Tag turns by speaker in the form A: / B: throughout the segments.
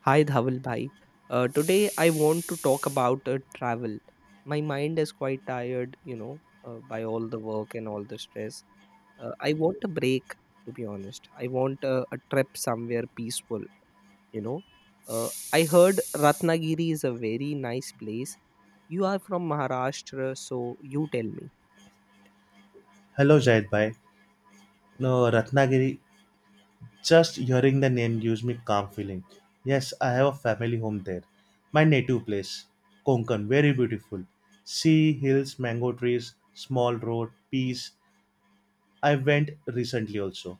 A: Hi Dhawal bhai. Today I want to talk about travel. My mind is quite tired, by all the work and all the stress. I want a break, to be honest. I want a trip somewhere peaceful, you know. I heard Ratnagiri is a very nice place. You are from Maharashtra, so you tell me.
B: Hello, Zaid bhai. No, Ratnagiri, just hearing the name gives me calm feeling. Yes, I have a family home there. My native place, Konkan, very beautiful. Sea, hills, mango trees, small road, peace. I went recently also.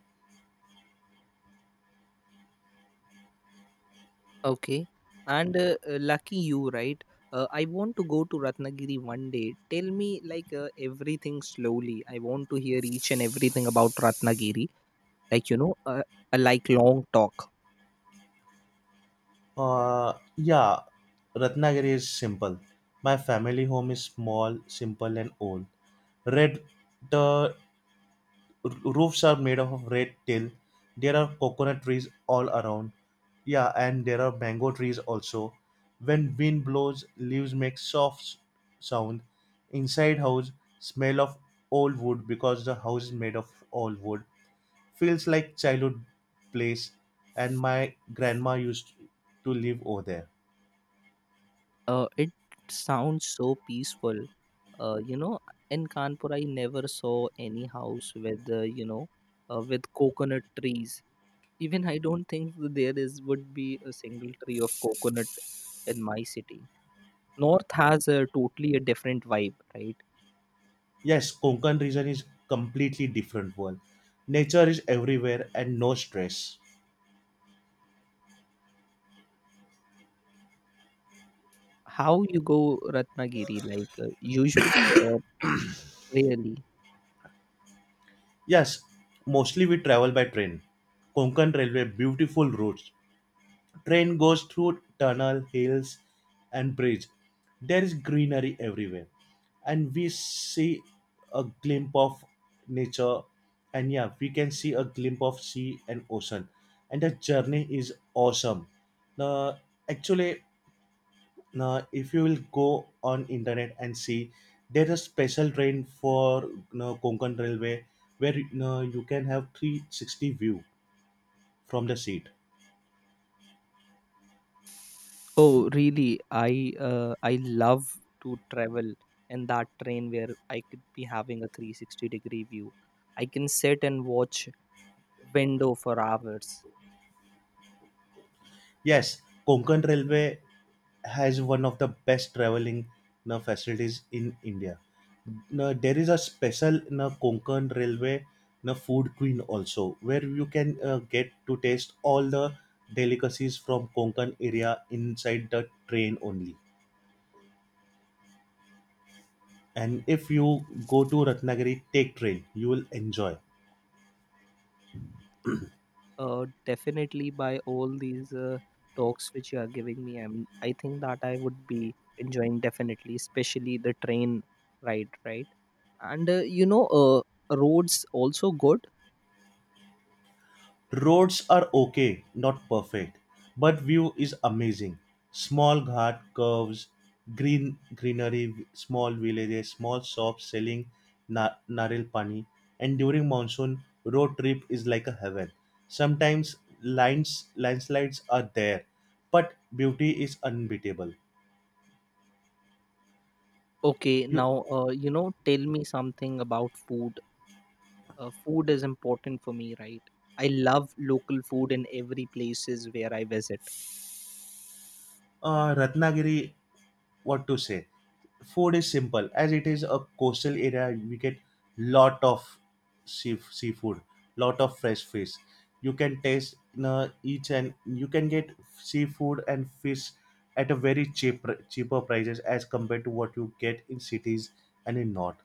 A: Okay. And lucky you, right? I want to go to Ratnagiri one day. Tell me like everything slowly. I want to hear each and everything about Ratnagiri. Like, a like long talk.
B: Yeah, Ratnagiri is simple. My family home is small, simple and old. Red, the roofs are made of red till. There are coconut trees all around. Yeah, and there are mango trees also. When wind blows, leaves make soft sound. Inside house, smell of old wood, because the house is made of old wood. Feels like childhood place. And my grandma used to live over there.
A: It sounds so peaceful. Uh, you know, in Kanpur I never saw any house with with coconut trees. Even I don't think there is would be a single tree of coconut in my city. North has a totally a different vibe, right?
B: Yes, konkan region is completely different world. Nature is everywhere and no stress.
A: How you go Ratnagiri, like usually or really?
B: Yes, mostly we travel by train. Konkan Railway, beautiful routes. Train goes through tunnel, hills, and bridge. There is greenery everywhere, and we see a glimpse of nature. And yeah, we can see a glimpse of sea and ocean, and the journey is awesome. The actually Now, if you will go on internet and see, there is a special train for Konkan Railway where you can have 360 view from the seat.
A: Oh, really? I love to travel in that train where I could be having a 360 degree view. I can sit and watch window for hours.
B: Yes, Konkan Railway has one of the best traveling facilities in India. Now, there is a special Konkan Railway food queen also, where you can get to taste all the delicacies from Konkan area inside the train only. And if you go to Ratnagiri, take train. You will enjoy.
A: Definitely by all these talks which you are giving me, I think that I would be enjoying definitely, especially the train ride, right? And roads also good.
B: Roads are okay, not perfect, but view is amazing. Small ghat curves, green greenery, small villages, small shops selling naril pani, and during monsoon, road trip is like a heaven. Sometimes lines landslides are there, but beauty is unbeatable.
A: Okay,
B: You
A: now tell me something about food. Food is important for me, right? I love local food in every places where I visit.
B: Ratnagiri, what to say? Food is simple. As it is a coastal area, we get lot of seafood, lot of fresh fish. You can taste in each and you can get seafood and fish at a very cheaper prices as compared to what you get in cities and in north.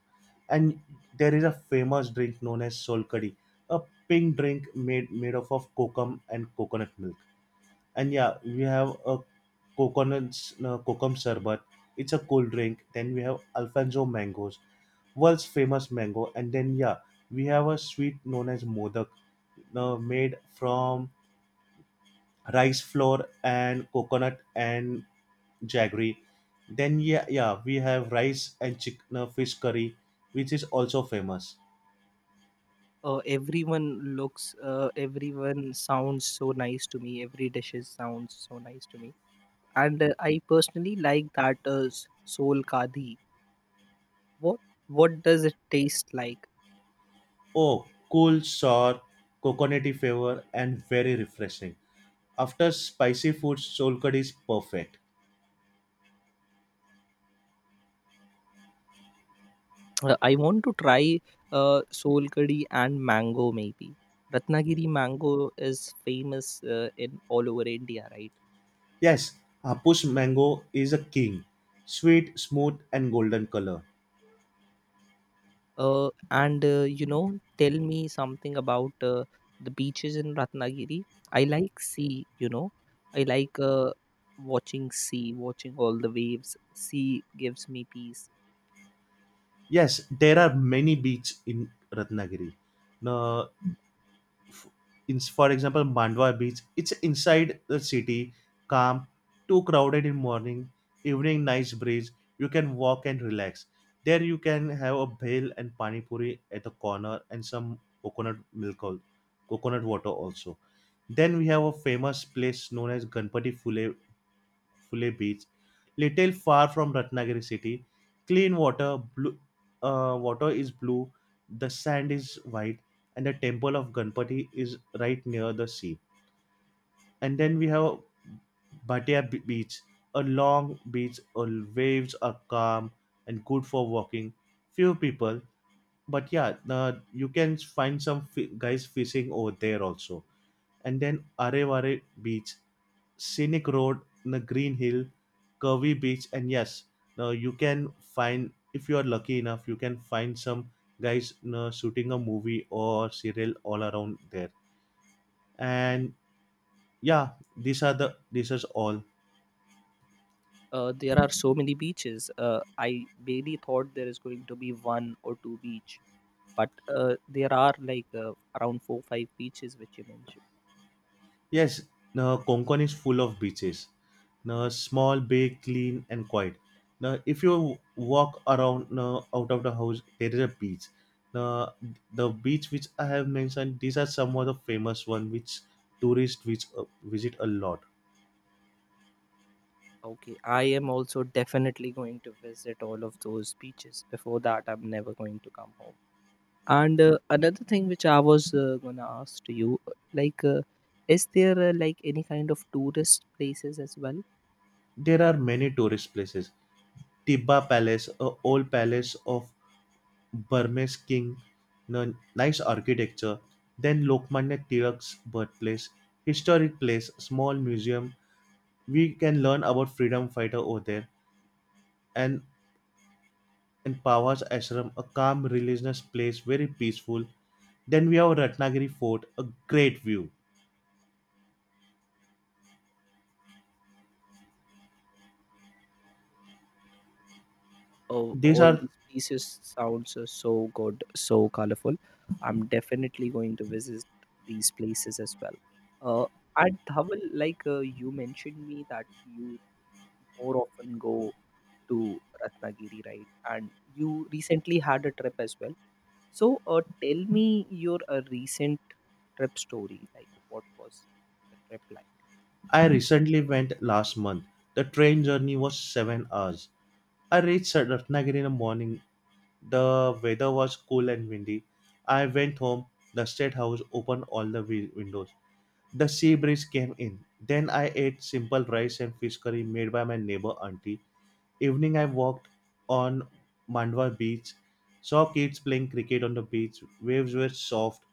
B: And there is a famous drink known as solkadi, a pink drink made up of kokum and coconut milk. And yeah, we have a coconut kokum sherbet. It's a cool drink. Then we have Alfonso mangoes, world's famous mango. And then yeah, we have a sweet known as modak, made from rice flour and coconut and jaggery. Then yeah, we have rice and chicken fish curry, which is also famous.
A: Everyone looks, everyone sounds so nice to me. Every dishes sounds so nice to me, and I personally like that soul kadhi. What what does it taste like?
B: Oh, cool, sour, coconutty flavor, and very refreshing. After spicy food, soul curd is perfect.
A: I want to try soul curry and mango maybe. Ratnagiri mango is famous in all over India, right?
B: Yes, Hapush mango is a king. Sweet, smooth, and golden color.
A: And tell me something about the beaches in Ratnagiri. I like sea. I like watching sea, watching all the waves. Sea gives me peace.
B: Yes, there are many beaches in Ratnagiri. Now, f- for example, Mandwa beach. It's inside the city, calm, too crowded in morning, evening, nice breeze. You can walk and relax. There you can have a bhel and pani puri at the corner and some coconut milk, coconut water also. Then we have a famous place known as Ganpati Fule Beach, little far from Ratnagiri city. Clean water, blue water is blue, the sand is white, and the temple of Ganpati is right near the sea. And then we have Bhatia Beach, a long beach, waves are calm and good for walking. Few people, but yeah, you can find some guys fishing over there also. And then Arevare Beach, scenic road, the green hill, curvy beach, and yes, now you can find, if you are lucky enough, you can find some guys you shooting a movie or serial all around there. And yeah, these are the this is all.
A: There are so many beaches. I barely thought there is going to be one or two beach. But there are like around four five beaches which you mentioned.
B: Yes, now Konkan is full of beaches. Now small, big, clean, and quiet. Now if you walk around now out of the house, there is a beach. Now the beach which I have mentioned, these are some of the famous one which tourists which visit a lot.
A: Okay, I am also definitely going to visit all of those beaches. Before that, I'm never going to come home. And another thing which I was gonna ask to you, like, is there like any kind of tourist places as well?
B: There are many tourist places. Tibba Palace, a old palace of Burmese king. Now nice architecture. Then Lokmanya Tilak's birthplace, historic place, small museum. We can learn about freedom fighter over there. And in Pawaj Ashram, a calm religious place, very peaceful. Then we have Ratnagiri Fort, a great view.
A: Oh,
B: These
A: all
B: are
A: these places sounds so good, so colorful. I'm definitely going to visit these places as well. Uh, at Dhaval, like you mentioned me that you more often go to Ratnagiri, right? And you recently had a trip as well. So, tell me your recent trip story. Like, what was the trip like?
B: I recently went last month. The train journey was 7 hours. I reached Ratnagiri in the morning. The weather was cool and windy. I went home. The state house opened all the windows. The sea breeze came in. Then I ate simple rice and fish curry made by my neighbor auntie. Evening, I walked on Mandwa beach, saw kids playing cricket on the beach. Waves were soft.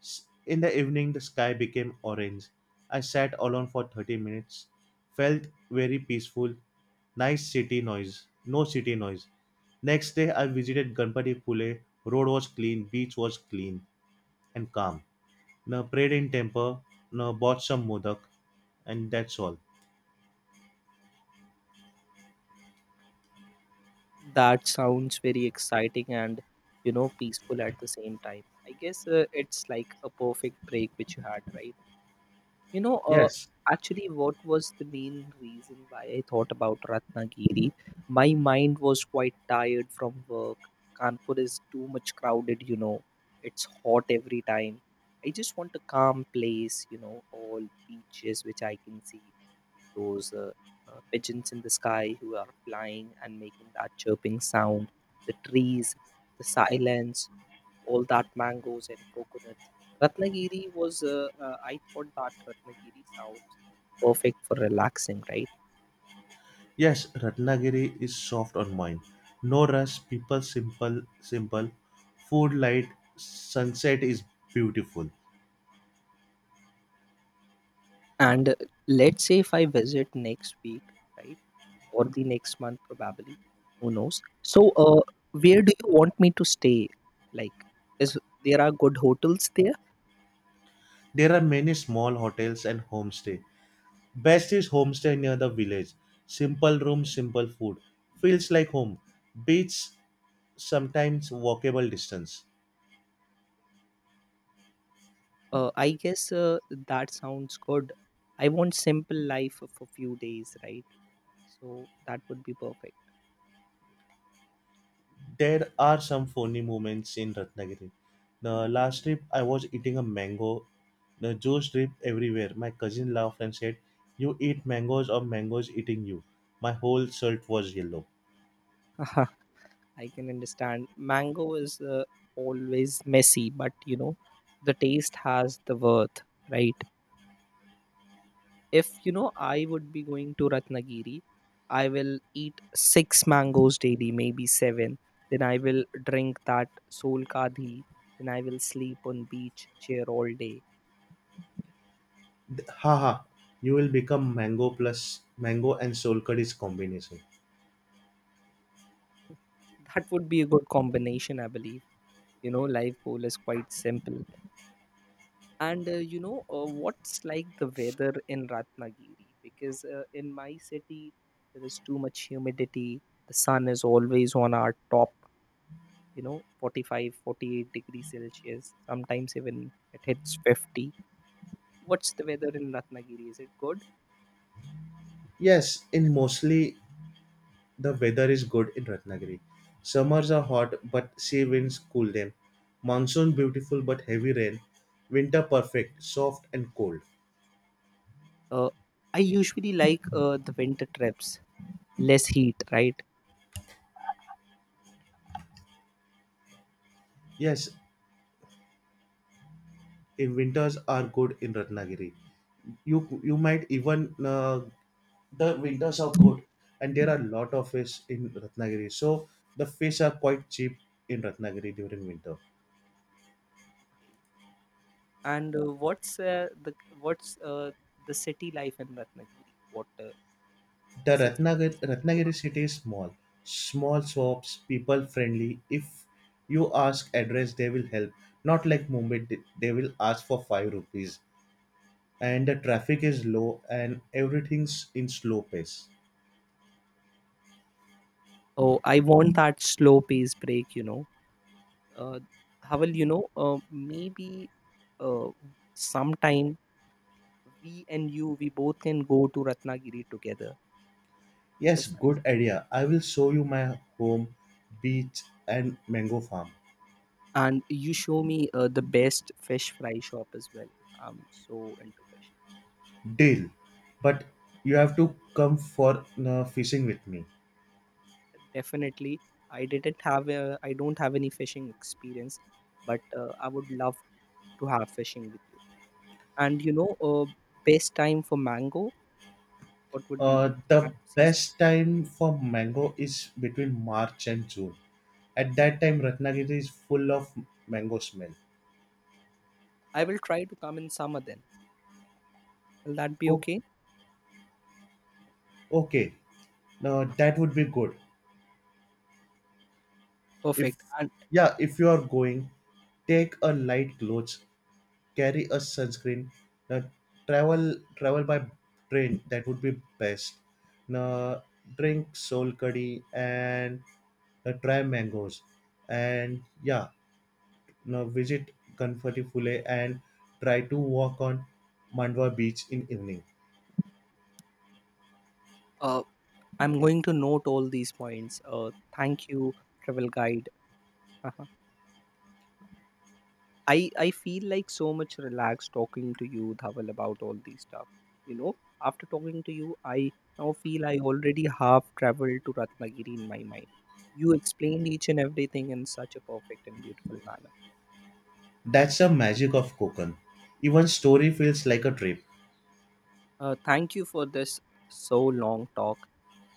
B: In the evening, the sky became orange. I sat alone for 30 minutes, felt very peaceful. Nice city noise, no city noise. Next day, I visited Ganpati Pule. Road was clean, beach was clean and calm. Now prayed in temple, now bought some modak, and that's all.
A: That sounds very exciting and peaceful at the same time. I guess it's like a perfect break which you had, right? You know, uh,
B: Yes.
A: actually, what was the main reason why I thought about Ratnagiri? My mind was quite tired from work. Kanpur is too much crowded. It's hot every time. I just want a calm place, all beaches which I can see, those pigeons in the sky who are flying and making that chirping sound, the trees, the silence all that mangoes and coconuts. I thought that Ratnagiri sounds perfect for relaxing, right?
B: Yes, Ratnagiri is soft on mind. No rush, people simple. Food light, sunset is beautiful.
A: And let's say if I visit next week, right, or the next month probably, who knows? So, where do you want me to stay? Like, is there are good hotels there?
B: There are many small hotels and homestay. Best is homestay near the village. Simple room, simple food. Feels like home. Beach sometimes walkable distance.
A: I guess that sounds good. I want simple life for few days, right? So that would be perfect.
B: There are some funny moments in Ratnagiri. The last trip, I was eating a mango. The juice dripped everywhere. My cousin laughed and said, "You eat mangoes or mangoes eating you." My whole shirt was yellow.
A: I can understand. Mango is always messy, but the taste has the worth, right? If you know, I would be going to Ratnagiri, I will eat six mangoes daily, maybe seven. Then I will drink that solkadhi. Then I will sleep on beach chair all day.
B: Haha! You will become mango plus mango and solkadis combination.
A: That would be a good combination, I believe. Life goal is quite simple. And what's like the weather in Ratnagiri? Because in my city, there is too much humidity. The sun is always on our top, 45, 48 degrees Celsius. Sometimes even it hits 50. What's the weather in Ratnagiri? Is it good?
B: Yes, in mostly the weather is good in Ratnagiri. Summers are hot, but sea winds cool them. Monsoon beautiful but heavy rain. Winter perfect, soft and cold.
A: Uh, I usually like the winter trips, less heat, right?
B: Yes, in winters are good in Ratnagiri. You might even the winters are good, and there are a lot of fish in Ratnagiri. So the fish are quite cheap in Ratnagiri during winter.
A: And what's the what's the city life in Ratnagiri? What
B: The
A: is it something
B: Ratnagiri
A: special
B: Ratnagiri
A: about?
B: city is small, small shops, people friendly. If you ask address, they will help. Not like Mumbai, they will ask for 5 rupees. And the traffic is low, and everything's in slow pace.
A: Oh, I want that slow pace break, Uh, Havel, maybe uh, sometime we both can go to Ratnagiri together.
B: Yes,
A: Yes.
B: good idea. I will show you my home, beach, and mango farm.
A: And you show me the best fish fry shop as well. I'm so into fishing.
B: Deal. But you have to come for fishing with me.
A: Definitely, I don't have any fishing experience, but I would love to have fishing with you. And best time for mango, what would be the best
B: The
A: mango season?
B: best time for mango is between March and June. At that time, Ratnagiri is full of mango smell.
A: I will try to come in summer then. Will that be
B: Oh,
A: okay?
B: okay. Now that would be good. If
A: Perfect. And
B: yeah, if you are going, take a light clothes, carry a sunscreen, uh, travel by train, that would be best, uh, drink soul curry and try mangoes. And yeah, now visit Kanfatipule and try to walk on Mandwa beach in evening.
A: uh, I'm going to note all these points. Thank you, travel guide. Uh-huh. I feel like so much relaxed talking to you, Dhaval, about all these stuff. You know, after talking to you, I now feel I already have traveled to Ratnagiri in my mind. You explained each and everything in such a perfect and beautiful manner.
B: That's the magic of Konkan. Even story feels like a trip.
A: Thank you for this so long talk.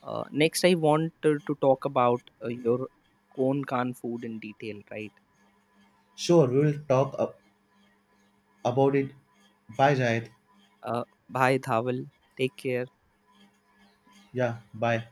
A: Next, I wanted to talk about your Konkan food in detail, right?
B: Sure, we will talk up about it. Bye, Jayed.
A: A, bye, Dhawal. Take care.
B: Yeah, bye.